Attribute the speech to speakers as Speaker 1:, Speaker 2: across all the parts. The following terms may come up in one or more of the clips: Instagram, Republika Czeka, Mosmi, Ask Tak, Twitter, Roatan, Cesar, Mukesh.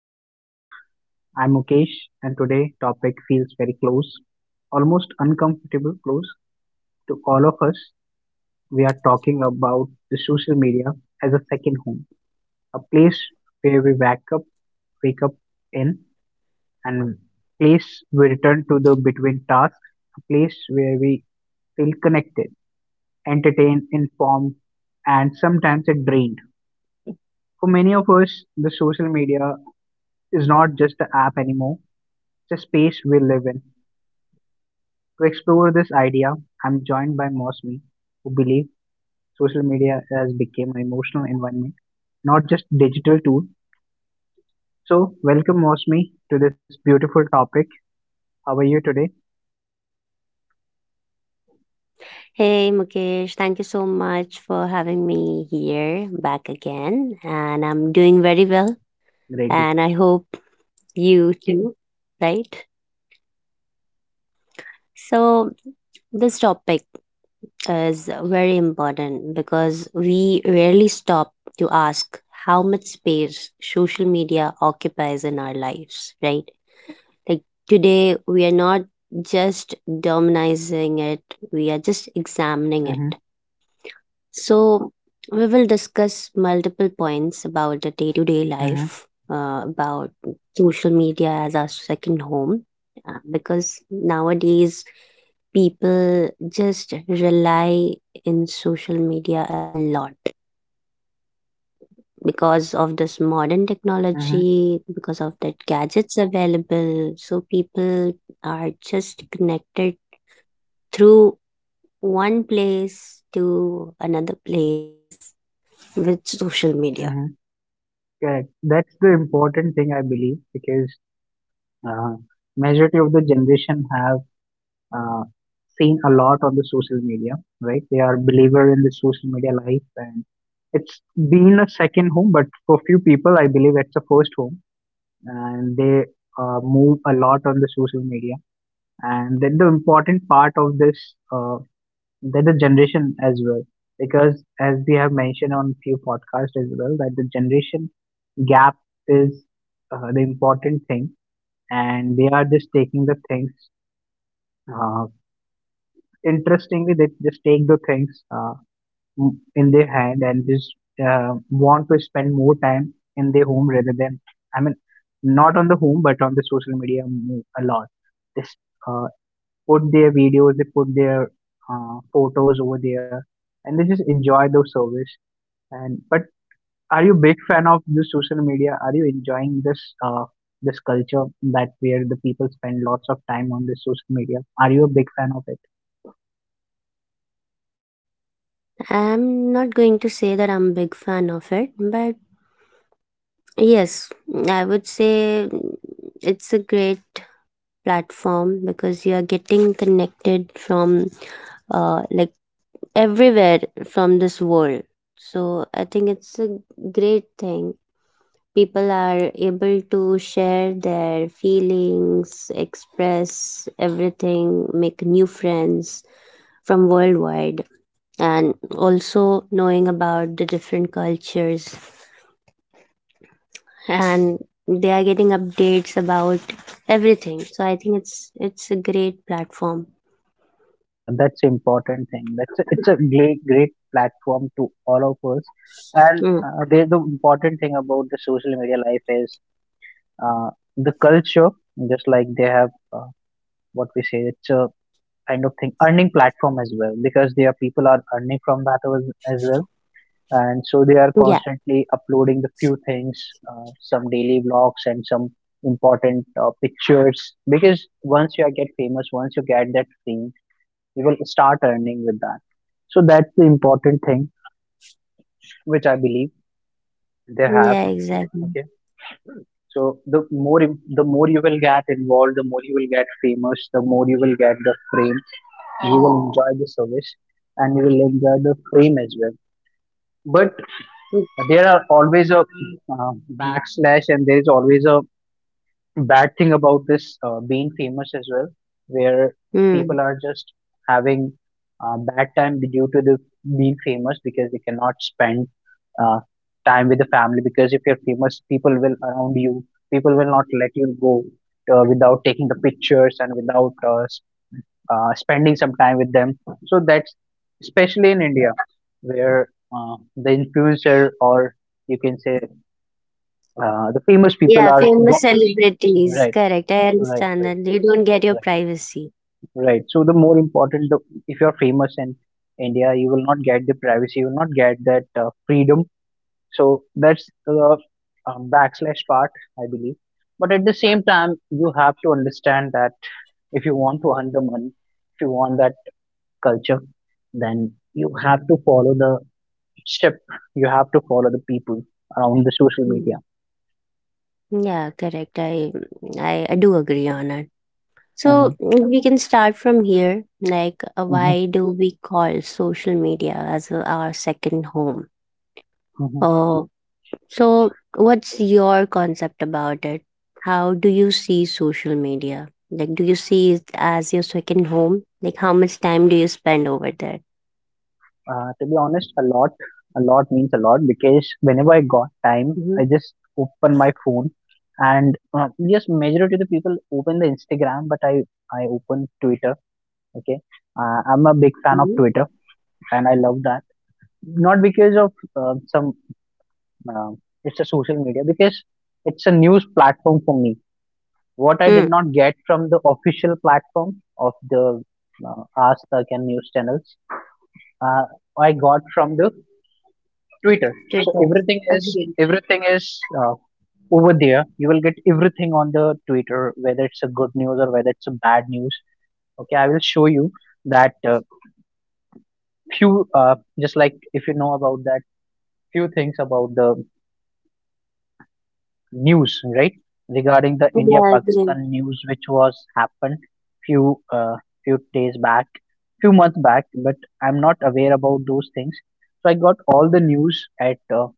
Speaker 1: podcast. I'm Mukesh and today topic feels very close, almost uncomfortable close to all of us. We are talking about the social media as a second home, a place where we wake up in and place we return to the between tasks, a place where we feel connected, entertained, informed and sometimes it drained. For many of us, the social media is not just an app anymore the space we live in. To explore this idea, I'm joined by Mosmi, who believes social media has become an emotional environment, not just digital tool. So, welcome Mosmi to this beautiful topic. How are you today?
Speaker 2: Hey Mukesh, thank you so much for having me here back again. And I'm doing very well.
Speaker 1: Great, great.
Speaker 2: And I hope you too, right? So, this topic is very important because we rarely stop to ask how much space social media occupies in our lives, right? Like today, we are not just demonizing it, we are just examining
Speaker 1: Mm-hmm,
Speaker 2: it. So, we will discuss multiple points about the day to day
Speaker 1: mm-hmm,
Speaker 2: life, about social media as our second home, because nowadays people just rely in social media a lot because of this modern
Speaker 1: mm-hmm,
Speaker 2: technology, because of that gadgets available. So people are just connected through one place to another place with social media.
Speaker 1: mm-hmm. Correct. That's the important thing I believe because uh, majority of the generation have uh, seen a lot on the social media, right? They are believer in the social media life, and it's been a second home, but for few people, I believe it's a first home, and they move a lot on the social media. And then the important part of this, uh, that the generation as well, because as we have mentioned on few podcasts as well, that the generation gap is the important thing, and they are just taking the things. Uh, Interestingly they just take the things in their hand and just want to spend more time in their home rather than, I mean, not on the home but on the social media a lot. They s- uh, put their videos, they put their photos over there and they just enjoy those service. And but are you big fan of the social media? Are you enjoying this uh, this culture that where the people spend lots of time on this social media? Are you a big fan of it?
Speaker 2: I'm not going to say that I'm a big fan of it, but yes, I would say it's a great platform because you are getting connected from uh, like everywhere from this world. So I think it's a great thing. People are able to share their feelings, express everything, make new friends from worldwide, and also knowing about the different cultures and they are getting updates about everything, so I think it's a great platform.
Speaker 1: Yeah, that's important thing. It's a great great platform to all of us. And
Speaker 2: Mm.
Speaker 1: there's the important thing about the social media life is uh, the culture. Just like they have what we say, it's a kind of thing earning platform as well because their people are earning from that as well, and so they are
Speaker 2: yeah
Speaker 1: constantly uploading the few things, some daily vlogs and some important pictures because once you are get famous once you get that fame you will start earning with that so that's the important thing which I believe they have.
Speaker 2: yeah,
Speaker 1: Okay,
Speaker 2: exactly.
Speaker 1: so the more the more you will get involved, the more you will get famous, the more you will get the frame, you will enjoy the service and you will enjoy the frame as well. But there are always a uh, backslash and there is always a bad thing about this being famous as well, where people
Speaker 2: Mm.
Speaker 1: are just having bad time due to the being famous because they cannot spend uh, time with the family because if you're famous, people will around you, people will not let you go without taking the pictures and without spending some time with them. So that's especially in India where the influencer or you can say the famous people
Speaker 2: Yeah,
Speaker 1: are
Speaker 2: famous
Speaker 1: go-
Speaker 2: celebrities.
Speaker 1: right,
Speaker 2: Correct. I
Speaker 1: right,
Speaker 2: understand
Speaker 1: right.
Speaker 2: that they don't get your
Speaker 1: Right,
Speaker 2: privacy.
Speaker 1: right. So the more important, if you're famous in India, you will not get the privacy, you will not get that freedom. So that's the backslash part, I believe. But at the same time, you have to understand that if you want to earn the money, if you want that culture, then you have to follow the step. You have to follow the people around the social media.
Speaker 2: Mhm. Yeah, correct. I do agree on it. So
Speaker 1: Hmm.
Speaker 2: mm, we can start from here. Like, why do we call social media as our second home?
Speaker 1: Hmm.
Speaker 2: Oh, so what's your concept about it? How do you see social media? Like, do you see it as your second home? Like, how much time do you spend over there?
Speaker 1: To be honest, a lot. A lot means a lot because whenever I got time,
Speaker 2: Mm-hmm.
Speaker 1: I just open my phone and yes, majority of the people open the Instagram, but I open Twitter. Okay, I'm a big fan of
Speaker 2: Mm-hmm.
Speaker 1: Twitter and I love that. Not because of some uh, it's a social media because it's a news platform for me. What I did
Speaker 2: Mm.
Speaker 1: not get from the official platform of the uh, Ask Tak and news channels, uh, I got from the Twitter. So everything is
Speaker 2: Agreed.
Speaker 1: everything is uh, over there. You will get everything on the Twitter, whether it's a good news or whether it's a bad news. Okay, I will show you that few just like if you know about that few things about the news, right? Regarding the India
Speaker 2: Yeah, agree.
Speaker 1: Pakistan news, which was happened few uh, few days back, few months back, but I'm not aware about those things. So I got all the news at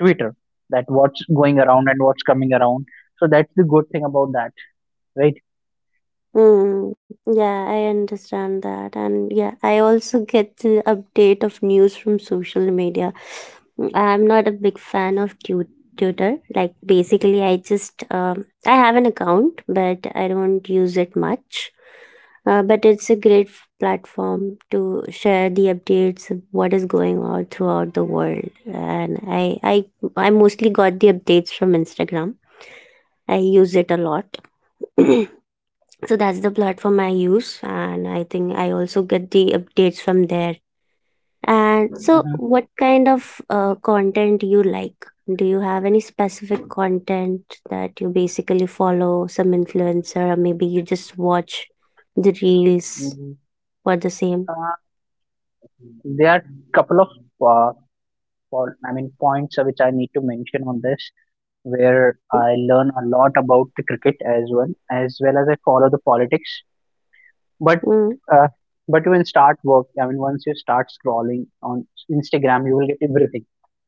Speaker 1: Twitter, that what's going around and what's coming around. So that's the good thing about that, right?
Speaker 2: Mm, yeah, I understand that. And yeah, I also get the update of news from social media. Mm, I'm not a big fan of Twitter. Like basically, I just I have an account, but I don't use it much. But it's a great platform to share the updates of what is going on throughout the world. And I mostly got the updates from Instagram. I use it a lot. So that's the platform I use, and I think I also get the updates from there. And so, what kind of content you like? Do you have any specific content that you basically follow some influencer, or maybe you just watch the reels
Speaker 1: Hmm.
Speaker 2: for the same?
Speaker 1: Uh, there are couple of uh, I mean points which I need to mention on this, where
Speaker 2: Mm-hmm.
Speaker 1: I learn a lot about the cricket as well, as well as I follow the politics. But
Speaker 2: Mm.
Speaker 1: uh, but when start work, I mean once you start scrolling on Instagram, you will get everything,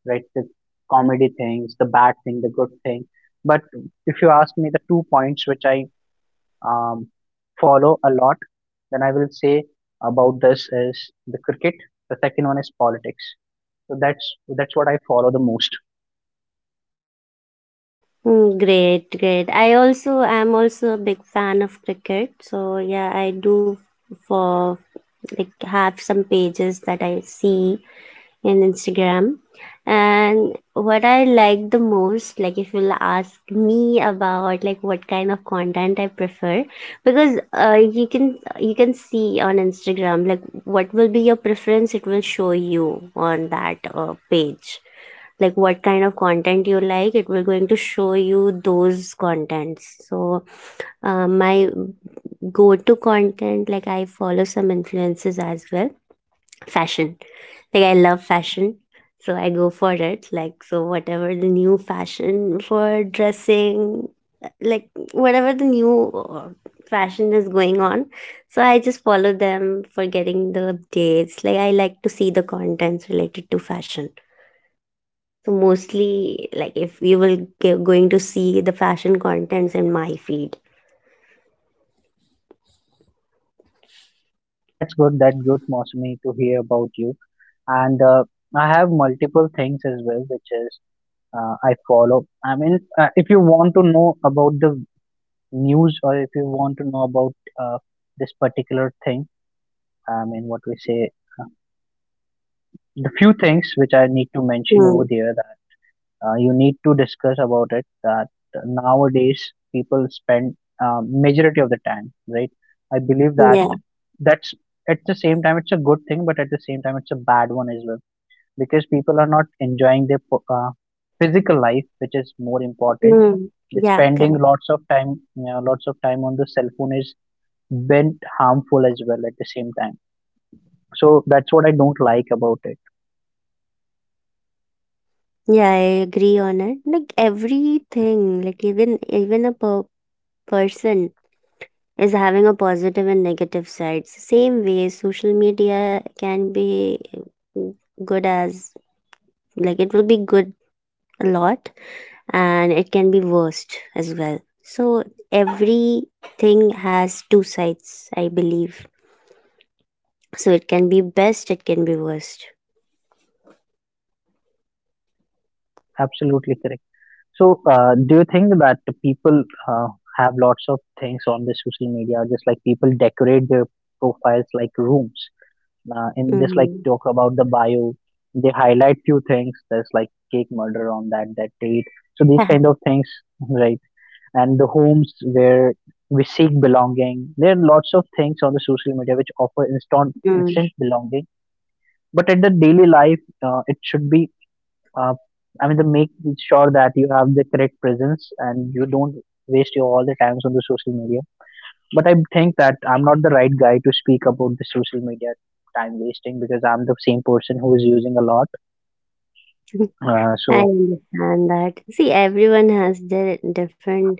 Speaker 1: right? The comedy things, the bad thing, the good thing. But if you ask me, the two points which I um, follow a lot, then I will say about this is the cricket. The second one is politics. So that's what I follow the most.
Speaker 2: Great, great. I also am also a big fan of cricket, so yeah, I do for like have some pages that I see and Instagram. And what I like the most, like if you'll ask me about like what kind of content I prefer, because you can see on Instagram like what will be your preference, it will show you on that page, like what kind of content you like, it will going to show you those contents. So my go to content, like I follow some influences as well. Fashion, like I love fashion, so I go for it. Like so whatever the new fashion for dressing, like whatever the new fashion is going on, so I just follow them for getting the updates. Like I like to see the contents related to fashion, so mostly like if you will going to see the fashion contents in my feed.
Speaker 1: That's good. That good, Mosmi, to hear about you. And I have multiple things as well, which is I follow. I mean, if you want to know about the news or if you want to know about uh, this particular thing, I mean, what we say, uh, the few things which I need to mention over
Speaker 2: Mm,
Speaker 1: there you need to discuss about it that nowadays people spend majority of the time, right? I believe that
Speaker 2: yeah.
Speaker 1: that's at the same time it's a good thing but at the same time it's a bad one as well because people are not enjoying their physical life which is more important.
Speaker 2: Mm,
Speaker 1: The
Speaker 2: yeah,
Speaker 1: spending
Speaker 2: correct.
Speaker 1: lots of time on the cell phone is been harmful as well at the same time. So that's what I don't like about it.
Speaker 2: Yeah, I agree on it. Like everything, like even a person is having a positive and negative sides, same way social media can be good as, like it will be good a lot and it can be worst as well. So everything has two sides, I believe. So it can be best, it can be worst.
Speaker 1: Absolutely correct. So, do you think that people have lots of things on the social media, just like people decorate their profiles like rooms, and just like
Speaker 2: Mm-hmm.
Speaker 1: talk about the bio, they highlight few things? There's like cake murder on that date. So these kind of things, right? And the homes where we seek belonging. There are lots of things on the social media which offer instant
Speaker 2: Mm.
Speaker 1: instant belonging. But at the daily life, it should be uh, I mean, to make sure that you have the correct presence and you don't waste your all the times on the social media. But I think that I'm not the right guy to speak about the social media time wasting because I'm the same person who is using a lot.
Speaker 2: I
Speaker 1: So,
Speaker 2: understand that. See, everyone has their different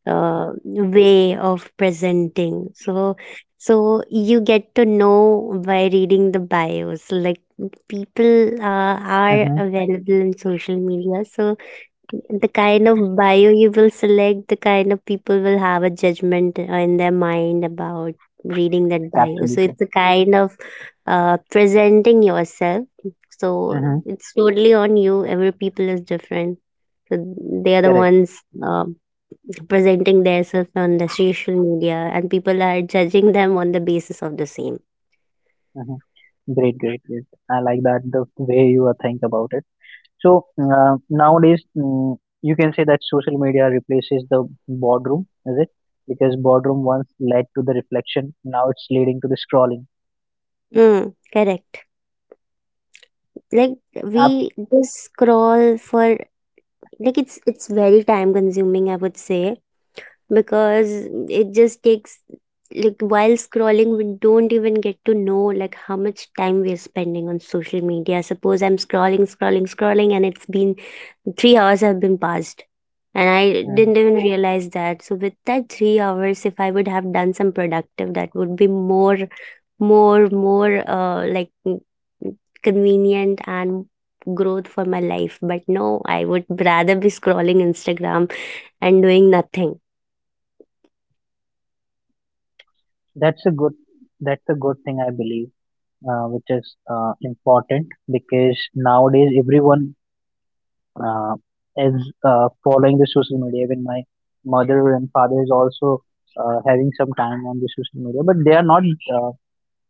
Speaker 2: way of presenting. So you get to know by reading the bios. Like people are
Speaker 1: hmm,
Speaker 2: available in social media, so the kind of bio you will select, the kind of people will have a judgment in their mind about reading that bio. So
Speaker 1: absolutely,
Speaker 2: it's a kind of presenting yourself. So
Speaker 1: hmm,
Speaker 2: it's totally on you, every people is different. So they are the
Speaker 1: correct.
Speaker 2: ones um, presenting themselves on the social media and people are judging them on the basis of the same.
Speaker 1: Hmm. Great, great, great. I like that the way you are think about it. So nowadays, you can say that social media replaces the boardroom, is it? Because boardroom once led to the reflection, now it's leading to the scrolling.
Speaker 2: Mm, correct. Like
Speaker 1: Abs-
Speaker 2: we just scroll for, like it's very time consuming, I would say, because it just takes, like while scrolling we don't even get to know like how much time we're spending on social media. Suppose I'm scrolling, scrolling, scrolling and it's been 3 hours have been passed, and I
Speaker 1: Mm.
Speaker 2: didn't even Right. realize that. So with that 3 hours, if I would have done some productive, that would be more more mm, convenient and growth for my life, but no, I would rather be scrolling instagram and doing nothing
Speaker 1: That's a good, that's a good, thing I believe, which is important because nowadays everyone uh, is following the social media. Even my mother and father is also having some time on the social media, but they are not uh,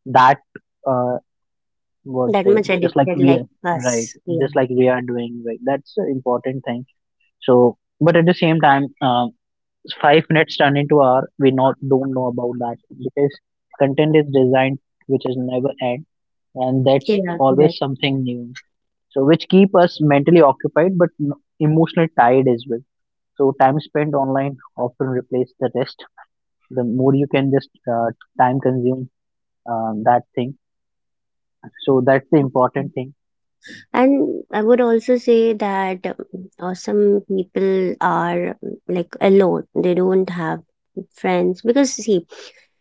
Speaker 1: that. Uh, what
Speaker 2: that
Speaker 1: they,
Speaker 2: much
Speaker 1: just like
Speaker 2: addicted
Speaker 1: we
Speaker 2: like
Speaker 1: are, right,
Speaker 2: us. Yeah.
Speaker 1: just like we are doing, right, that's an important thing. So but at the same time 5 minutes turn into hour, we not don't know about that because content is designed which is never end and that's
Speaker 2: Yeah,
Speaker 1: always
Speaker 2: correct.
Speaker 1: something new. So which keep us mentally occupied but emotionally tired as well. So time spent online often replace the rest, the more you can just time consume that thing. So that's the important thing.
Speaker 2: And I would also say that some people are like alone. They don't have friends because see,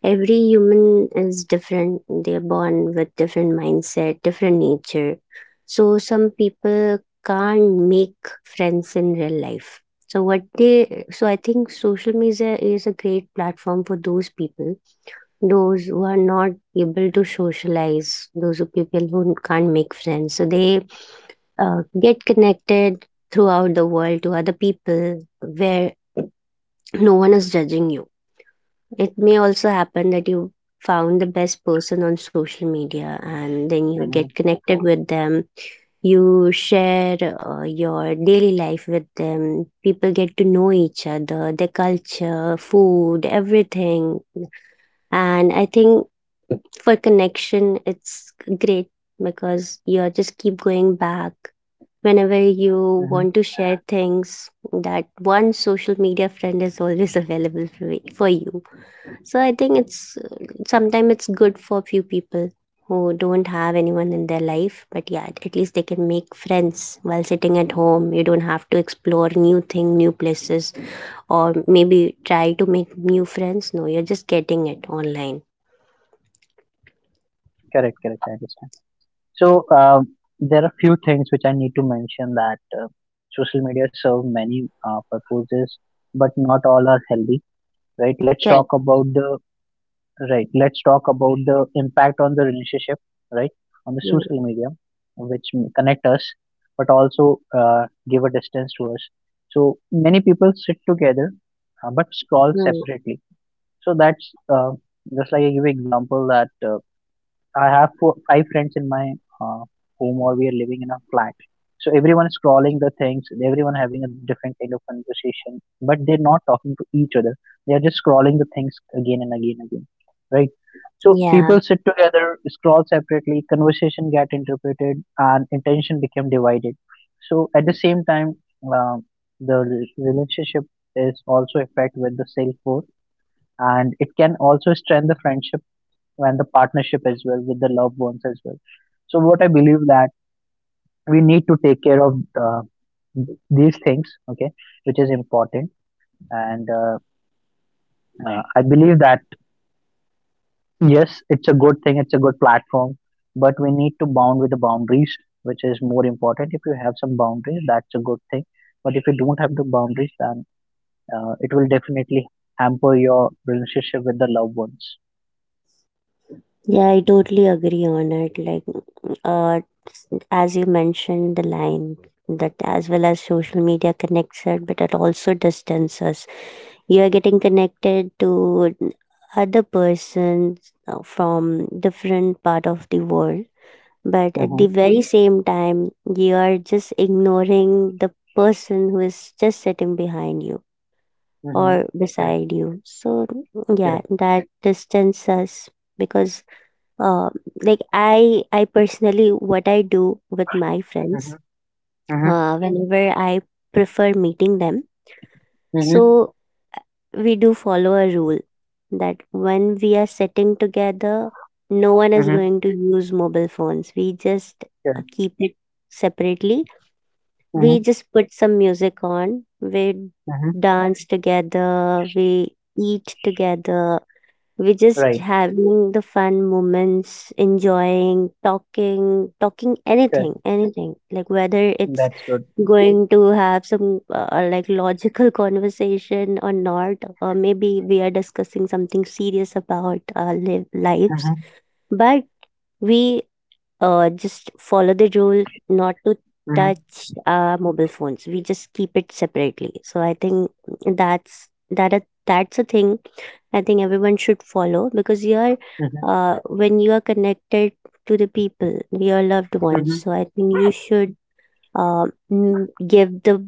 Speaker 2: every human is different. They're born with different mindset, different nature. So some people can't make friends in real life. So what they so I think social media is a great platform for those people, those who are not able to socialize, those who people who can't make friends. So they get connected throughout the world to other people where no one is judging you. It may also happen that you found the best person on social media and then you
Speaker 1: Mhm.
Speaker 2: get connected with them. You share your daily life with them. People get to know each other, their culture, food, everything. And I think for connection it's great, because you just keep going back whenever you
Speaker 1: Mhm.
Speaker 2: want to share things, that one social media friend is always available for, for you. So I think it's sometimes it's good for few people who don't have anyone in their life, but yeah, at least they can make friends while sitting at home. You don't have to explore new thing, new places, or maybe try to make new friends. No, you're just getting it online.
Speaker 1: Correct, correct. I understand. So there are few things which I need to mention that social media serve many purposes, but not all are healthy, right? Let's talk
Speaker 2: Correct.
Speaker 1: about the right. Let's talk about the impact on the relationship, right? On the
Speaker 2: Mm,
Speaker 1: social media, which connect us, but also give a distance to us. So many people sit together, but scroll
Speaker 2: mm.
Speaker 1: separately. So that's just like I give example that. I have four, five friends in my uh, home, or we are living in a flat. So everyone is scrolling the things, everyone having a different kind of conversation, but they're not talking to each other. They are just scrolling the things again and again and again, right? So
Speaker 2: Yeah,
Speaker 1: people sit together, scroll separately, conversation get interpreted, and intention become divided. So at the same time, um the relationship is also affected with the self worth, and it can also strain the friendship and the partnership as well with the loved ones as well. So what I believe that we need to take care of uh, these things, okay, which is important. And I believe that yes, it's a good thing, it's a good platform, but we need to bound with the boundaries, which is more important. If you have some boundaries, that's a good thing. But if you don't have the boundaries, then it will definitely hamper your relationship with the loved ones.
Speaker 2: yeah, I totally agree on it. Like, uh, as you mentioned, the line that as well as social media connects us, but it also distances us. You are getting connected to other persons from different part of the world, but at
Speaker 1: Mm-hmm.
Speaker 2: the very Mhm. same time, you are just ignoring the person who is just sitting behind you
Speaker 1: Mm-hmm.
Speaker 2: or
Speaker 1: Correct.
Speaker 2: beside you. So, yeah,
Speaker 1: Correct.
Speaker 2: that distances us because uh, like I personally what I do with my
Speaker 1: Mm-hmm.
Speaker 2: friends,
Speaker 1: Mm-hmm.
Speaker 2: whenever I prefer meeting them,
Speaker 1: Mm-hmm.
Speaker 2: so we do follow a rule that when we are sitting together no one is
Speaker 1: Mm-hmm.
Speaker 2: going to use mobile phones. We just keep it separately. We
Speaker 1: Mhm,
Speaker 2: just put some music on, we
Speaker 1: mhm.
Speaker 2: dance together, we eat together, we're just
Speaker 1: Right,
Speaker 2: having the fun moments, enjoying, talking, talking
Speaker 1: right.
Speaker 2: anything, anything. Like whether it's
Speaker 1: That's good.
Speaker 2: going to have some like logical conversation or not, or maybe we are discussing something serious about our live lives.
Speaker 1: Mhm,
Speaker 2: But we just follow the rule not to
Speaker 1: mhm,
Speaker 2: touch mobile phones. We just keep it separately. So I think that's a thing I think everyone should follow. Because you are
Speaker 1: mhm,
Speaker 2: when you are connected to the people, your loved ones.
Speaker 1: mhm,
Speaker 2: So I think you should give the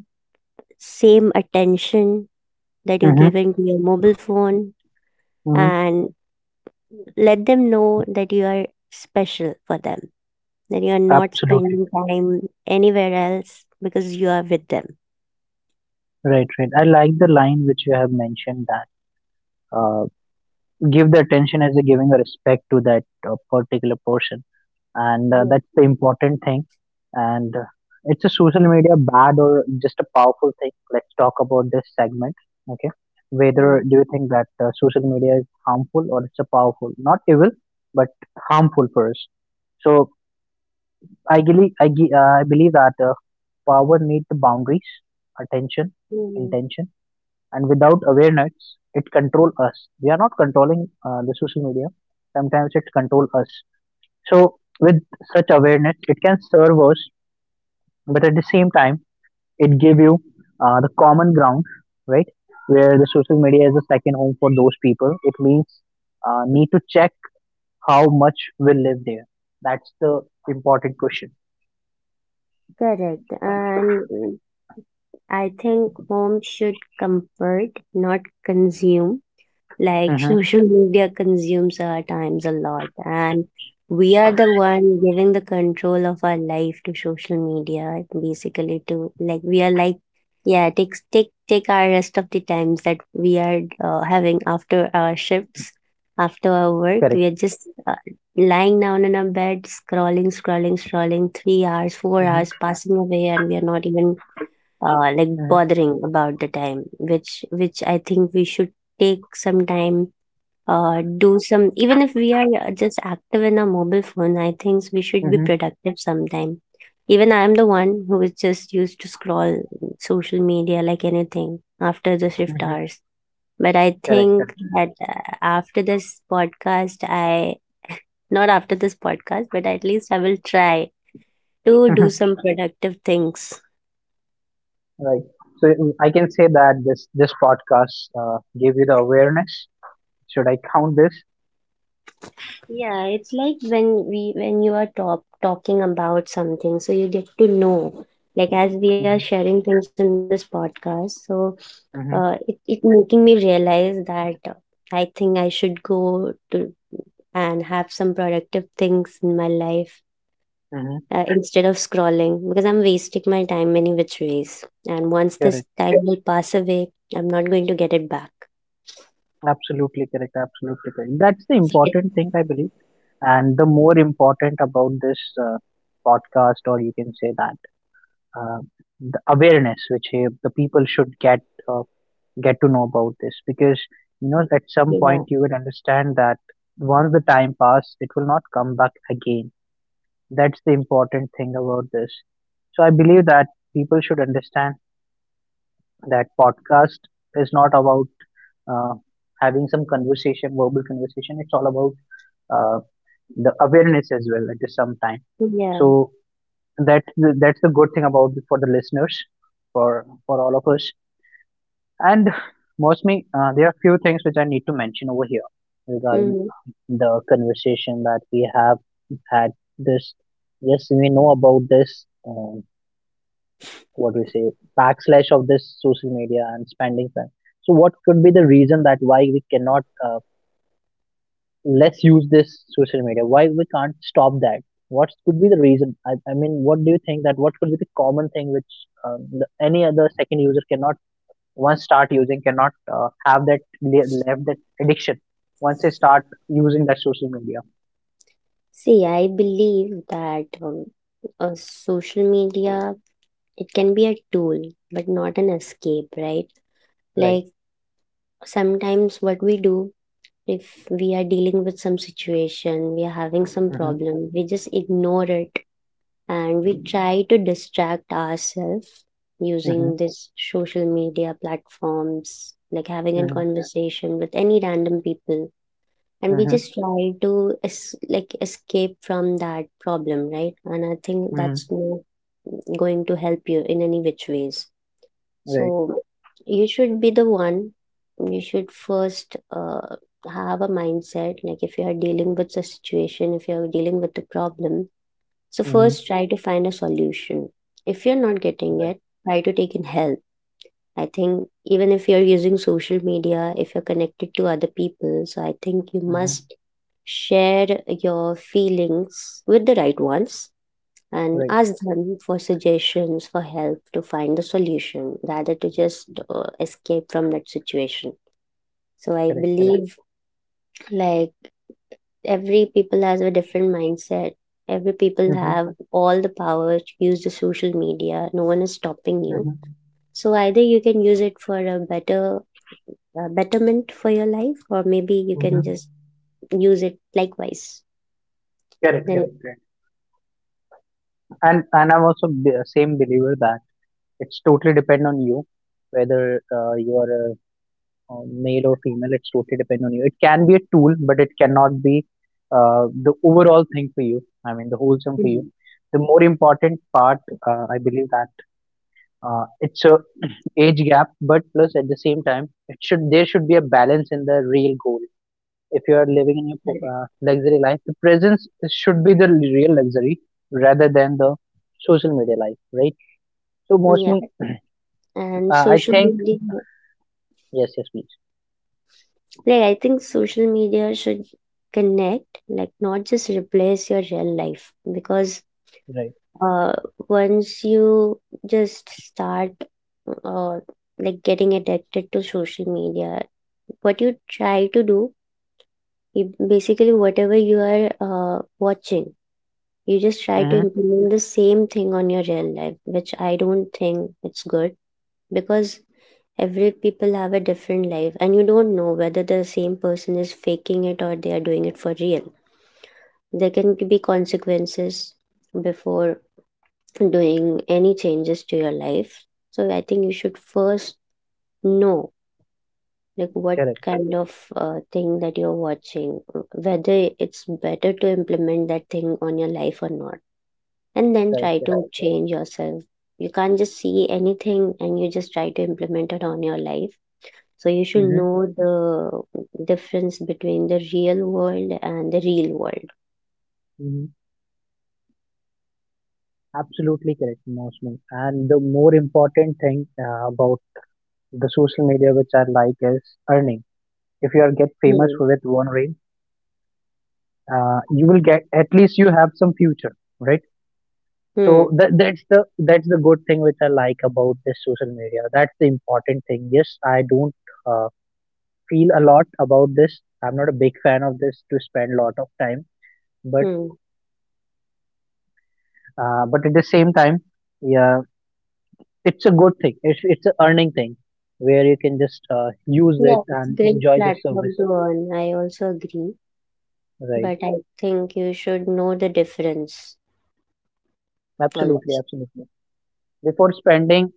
Speaker 2: same attention that you're
Speaker 1: mhm,
Speaker 2: giving to your mobile phone
Speaker 1: mhm.
Speaker 2: and let them know that you are special for them, then you are not
Speaker 1: Absolutely.
Speaker 2: spending time anywhere else because you are with them.
Speaker 1: Right, right. I like the line which you have mentioned that uh, give the attention as a giving a respect to that particular person, and
Speaker 2: Yeah.
Speaker 1: that's the important thing. And it's a social media bad or just a powerful thing? Let's talk about this segment. Okay, whether
Speaker 2: Mm.
Speaker 1: do you think that social media is harmful or it's a powerful, not evil, but harmful for us? So I believe that power needs boundaries, attention,
Speaker 2: Mm.
Speaker 1: intention, and without awareness, it control us. We are not controlling the social media. Sometimes it control us. So with such awareness, it can serve us, but at the same time, it give you the common ground, right? Where the social media is a second home for those people. It means need to check how much we live there. That's the important question.
Speaker 2: Correct. And mm, I think home should comfort, not consume. Like
Speaker 1: Hmm.
Speaker 2: social media consumes our times a lot, and we are the one giving the control of our life to social media, basically to, like we are like, yeah, take take our rest of the times that we are having after our shifts, after our work. We
Speaker 1: Correct.
Speaker 2: are just lying down in our bed, scrolling, scrolling, scrolling, 3 hours, four
Speaker 1: Hmm.
Speaker 2: hours passing away, and we are not even like bothering about the time. Which I think we should take some time do some, even if we are just active in our mobile phone, I think we should be
Speaker 1: Mhm,
Speaker 2: productive sometime. Even I am the one who is just used to scroll social media like anything after the shift
Speaker 1: mhm.
Speaker 2: hours, but I
Speaker 1: correct,
Speaker 2: think
Speaker 1: correct.
Speaker 2: that after this podcast, I, not after this podcast, but at least I will try to do
Speaker 1: Mhm.
Speaker 2: some productive things.
Speaker 1: Right. So I can say that this podcast gave you the awareness. Should I count this?
Speaker 2: Yeah, it's like when we when you are top talking about something, so you get to know. Like as we are
Speaker 1: Mhm,
Speaker 2: sharing things in this podcast, so it
Speaker 1: mhm,
Speaker 2: it making me realize that I think I should go to and have some productive things in my life
Speaker 1: mhm.
Speaker 2: instead of scrolling because I'm wasting my time many which ways. And once this
Speaker 1: Correct.
Speaker 2: time will pass away, I'm not going to get it back.
Speaker 1: Absolutely correct. Absolutely correct. That's the important thing I believe, and the more important about this uh, podcast, or you can say that uh, the awareness which the people should uh, get to know about this, because at some
Speaker 2: Yeah,
Speaker 1: point you will understand that once the time pass, it will not come back again. That's the important thing about this. So I believe that people should understand that podcast is not about uh, having some conversation, verbal conversation. It's all about uh, the awareness as well at the same time.
Speaker 2: yeah.
Speaker 1: So that's that's the good thing about for the listeners, for all of us. And mostly, there are few things which I need to mention over here regarding
Speaker 2: Hmm.
Speaker 1: the conversation that we have had this. Yes, we know about this. What we say backslash of this social media and spending time, so what could be the reason that why we cannot, let's use this social media, why we can't stop that? What could be the reason? I mean what do you think that what could be the common thing which any other second user cannot, once start using, cannot have that left that addiction once they start using that social media?
Speaker 2: See, I believe that social media it can be a tool, but not an escape, right?
Speaker 1: Right.
Speaker 2: Like sometimes what we do if we are dealing with some situation, we are having some
Speaker 1: Mm-hmm,
Speaker 2: problem, we just ignore it, and we try to distract ourselves using
Speaker 1: mm-hmm,
Speaker 2: this social media platforms, like having a
Speaker 1: mm-hmm,
Speaker 2: conversation with any random people, and we
Speaker 1: mm-hmm,
Speaker 2: just try to like escape from that problem, right? And I think
Speaker 1: mm-hmm.
Speaker 2: that's not going to help you in any which ways. So
Speaker 1: Right.
Speaker 2: you should be the one, you should first have a mindset, like if you are dealing with a situation, if you are dealing with a problem, so
Speaker 1: Mm-hmm.
Speaker 2: first try to find a solution. If you're not getting
Speaker 1: Right.
Speaker 2: it, try to take in help. I think even if you're using social media, if you're connected to other people, so I think you
Speaker 1: Mm-hmm.
Speaker 2: must share your feelings with the right ones and
Speaker 1: Right.
Speaker 2: ask them for suggestions, for help to find the solution rather to just escape from that situation. So I
Speaker 1: Correct, correct.
Speaker 2: believe like every people has a different mindset. Every people
Speaker 1: Mm-hmm.
Speaker 2: have all the power to use the social media. No one is stopping you.
Speaker 1: Mhm,
Speaker 2: So either you can use it for a better betterment for your life, or maybe you can
Speaker 1: mhm.
Speaker 2: just use it likewise
Speaker 1: Correct,
Speaker 2: then.
Speaker 1: correct, correct. And I'm also same believer that it's totally depend on you whether you are male or female. It's totally depend on you. It can be a tool, but it cannot be the overall thing for you. I mean, the whole thing for you.
Speaker 2: Mhm.
Speaker 1: The more important part, I believe that it's a age gap, but plus at the same time, it should there should be a balance in the real goal if you are living in your
Speaker 2: Correct.
Speaker 1: luxury life, the presence should be the real luxury rather than the social media life, right? So
Speaker 2: Yeah,
Speaker 1: mostly,
Speaker 2: and
Speaker 1: I
Speaker 2: social
Speaker 1: think,
Speaker 2: media,
Speaker 1: yes, yes, please,
Speaker 2: like I think social media should connect, like not just replace your real life, because
Speaker 1: right.
Speaker 2: uh once you just start uh, like getting addicted to social media, what you try to do, you basically whatever you are watching, you just try
Speaker 1: Mm-hmm.
Speaker 2: to implement the same thing on your real life, which I don't think it's good, because every people have a different life and you don't know whether the same person is faking it or they are doing it for real. There can be consequences before doing any changes to your life. So I think you should first know like what
Speaker 1: Correct,
Speaker 2: kind of thing that you're watching, whether it's better to implement that thing on your life or not, and then
Speaker 1: correct,
Speaker 2: try to
Speaker 1: correct.
Speaker 2: change yourself. You can't just see anything and you just try to implement it on your life. So you should
Speaker 1: Mm-hmm.
Speaker 2: know the difference between the real world and the real world.
Speaker 1: Mm-hmm. Absolutely correct, mostly. And the more important thing about the social media which I like is earning. If you are get famous
Speaker 2: Hmm.
Speaker 1: with one ring, you will get at least you have some future, right? So
Speaker 2: Hmm.
Speaker 1: that's the good thing which I like about this social media. That's the important thing. Yes, I don't uh, feel a lot about this, I'm not a big fan of this to spend a lot of time, but
Speaker 2: Hmm.
Speaker 1: but at the same time, yeah, it's a good thing. It's an earning thing where you can just use it
Speaker 2: Yeah, it's a
Speaker 1: and
Speaker 2: great
Speaker 1: enjoy the
Speaker 2: platform
Speaker 1: service,
Speaker 2: to earn. I also agree,
Speaker 1: right?
Speaker 2: but I think you should know the difference
Speaker 1: Absolutely,
Speaker 2: always.
Speaker 1: absolutely. Before spending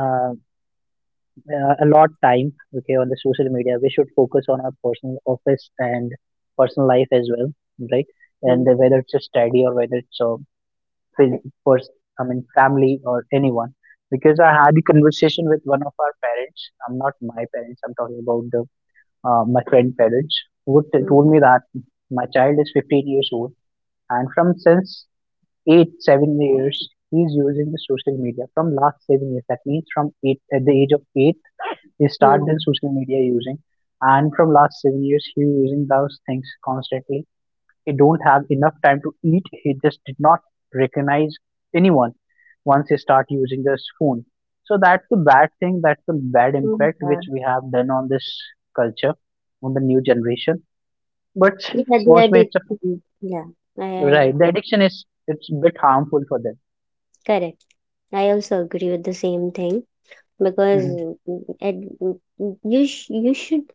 Speaker 1: uh, a lot time, okay, on the social media we should focus on our personal office and personal life as well, right? And
Speaker 2: Hmm.
Speaker 1: whether it's a study or whether it's a phys- pers- I mean family or anyone, because I had a conversation with one of our parents. I'm not my parents, I'm talking about the my friend parents who
Speaker 2: Mm-hmm.
Speaker 1: told me that my child is 15 years old, and from since 8 7 years he's using the social media from last 7 years, that means from eight at the age of 8 he started
Speaker 2: Hmm.
Speaker 1: the social media using, and from last 7 years, he using those things constantly. He don't have enough time to eat. He just did not recognize anyone once he start using this phone. So that's the bad thing. That's the bad
Speaker 2: Hmm.
Speaker 1: impact
Speaker 2: Yeah,
Speaker 1: which we have done on this culture, on the new generation. But
Speaker 2: yeah, the
Speaker 1: mostly, it's a,
Speaker 2: addiction. Yeah, I,
Speaker 1: right. The addiction is it's a bit harmful for them.
Speaker 2: correct. I also agree with the same thing, because
Speaker 1: Hmm.
Speaker 2: and you should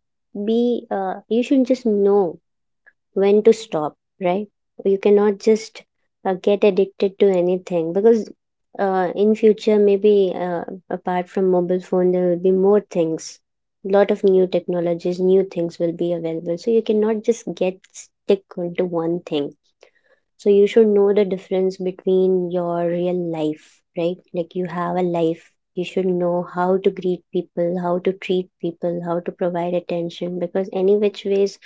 Speaker 2: be you should just know when to stop, right? You cannot just get addicted to anything, because in future maybe apart from mobile phone there will be more things, lot of new technologies, new things will be available, so you cannot just get stick onto one thing. So you should know the difference between your real life, right? Like you have a life, you should know how to greet people, how to treat people, how to provide attention, because any which ways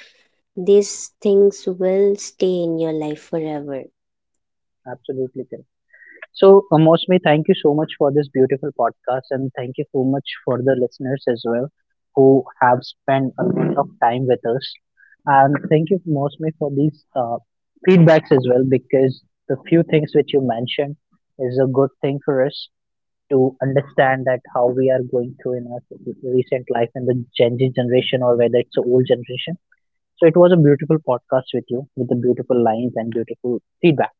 Speaker 2: these things will stay in your life forever.
Speaker 1: Absolutely correct. So, Mosme, thank you so much for this beautiful podcast, and thank you so much for the listeners as well who have spent a lot of time with us. And thank you, Mosme, for these feedbacks as well, because the few things which you mentioned is a good thing for us to understand that how we are going through in our recent life and the Gen Z generation or whether it's the old generation. So it was a beautiful podcast with you with the beautiful lines and beautiful feedback.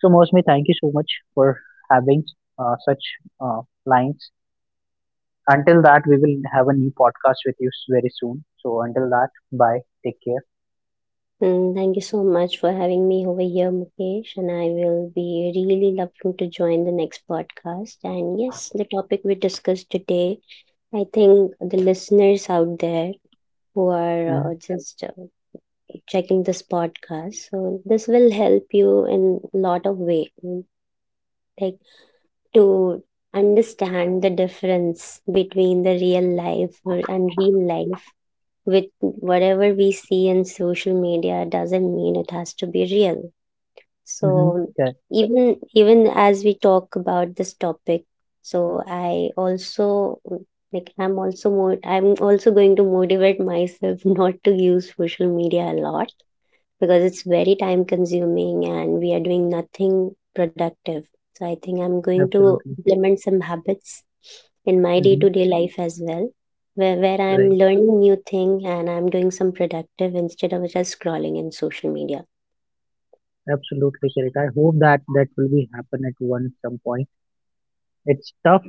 Speaker 1: So, Mosmi, thank you so much for having such lines. Until that, we will have a new podcast with you very soon. So, until that, bye. Take care.
Speaker 2: And thank you so much for having me over here, Mukesh, and I will be really loving to join the next podcast. And yes, the topic we discussed today, I think the listeners out there who are just checking this podcast, so this will help you in a lot of way, like to understand the difference between the and real life. With whatever we see in social media doesn't mean it has to be real.
Speaker 1: Mm-hmm.
Speaker 2: So
Speaker 1: Correct.
Speaker 2: even as we talk about this topic, so I also like I'm also more I'm also going to motivate myself not to use social media a lot, because it's very time consuming and we are doing nothing productive. So I think I'm going to
Speaker 1: Absolutely.
Speaker 2: implement some habits in my day to
Speaker 1: Mm-hmm.
Speaker 2: day life as well, where I'm
Speaker 1: Right.
Speaker 2: learning new thing and I'm doing some productive instead of just scrolling in social media.
Speaker 1: Absolutely correct. I hope that that will be happen at one some point. It's tough,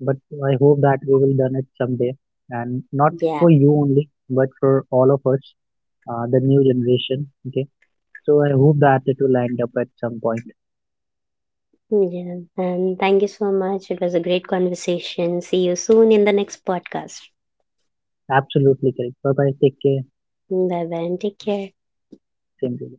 Speaker 1: but I hope that we will done it someday, and not
Speaker 2: Yeah.
Speaker 1: for you only, but for all of us, the new generation. Okay. So I hope that it will end up at some point.
Speaker 2: Yeah. And thank you so much. It was a great conversation. See you soon in the next podcast.
Speaker 1: Absolutely correct. Bye bye. Take care.
Speaker 2: Bye bye and take care.
Speaker 1: Same to you.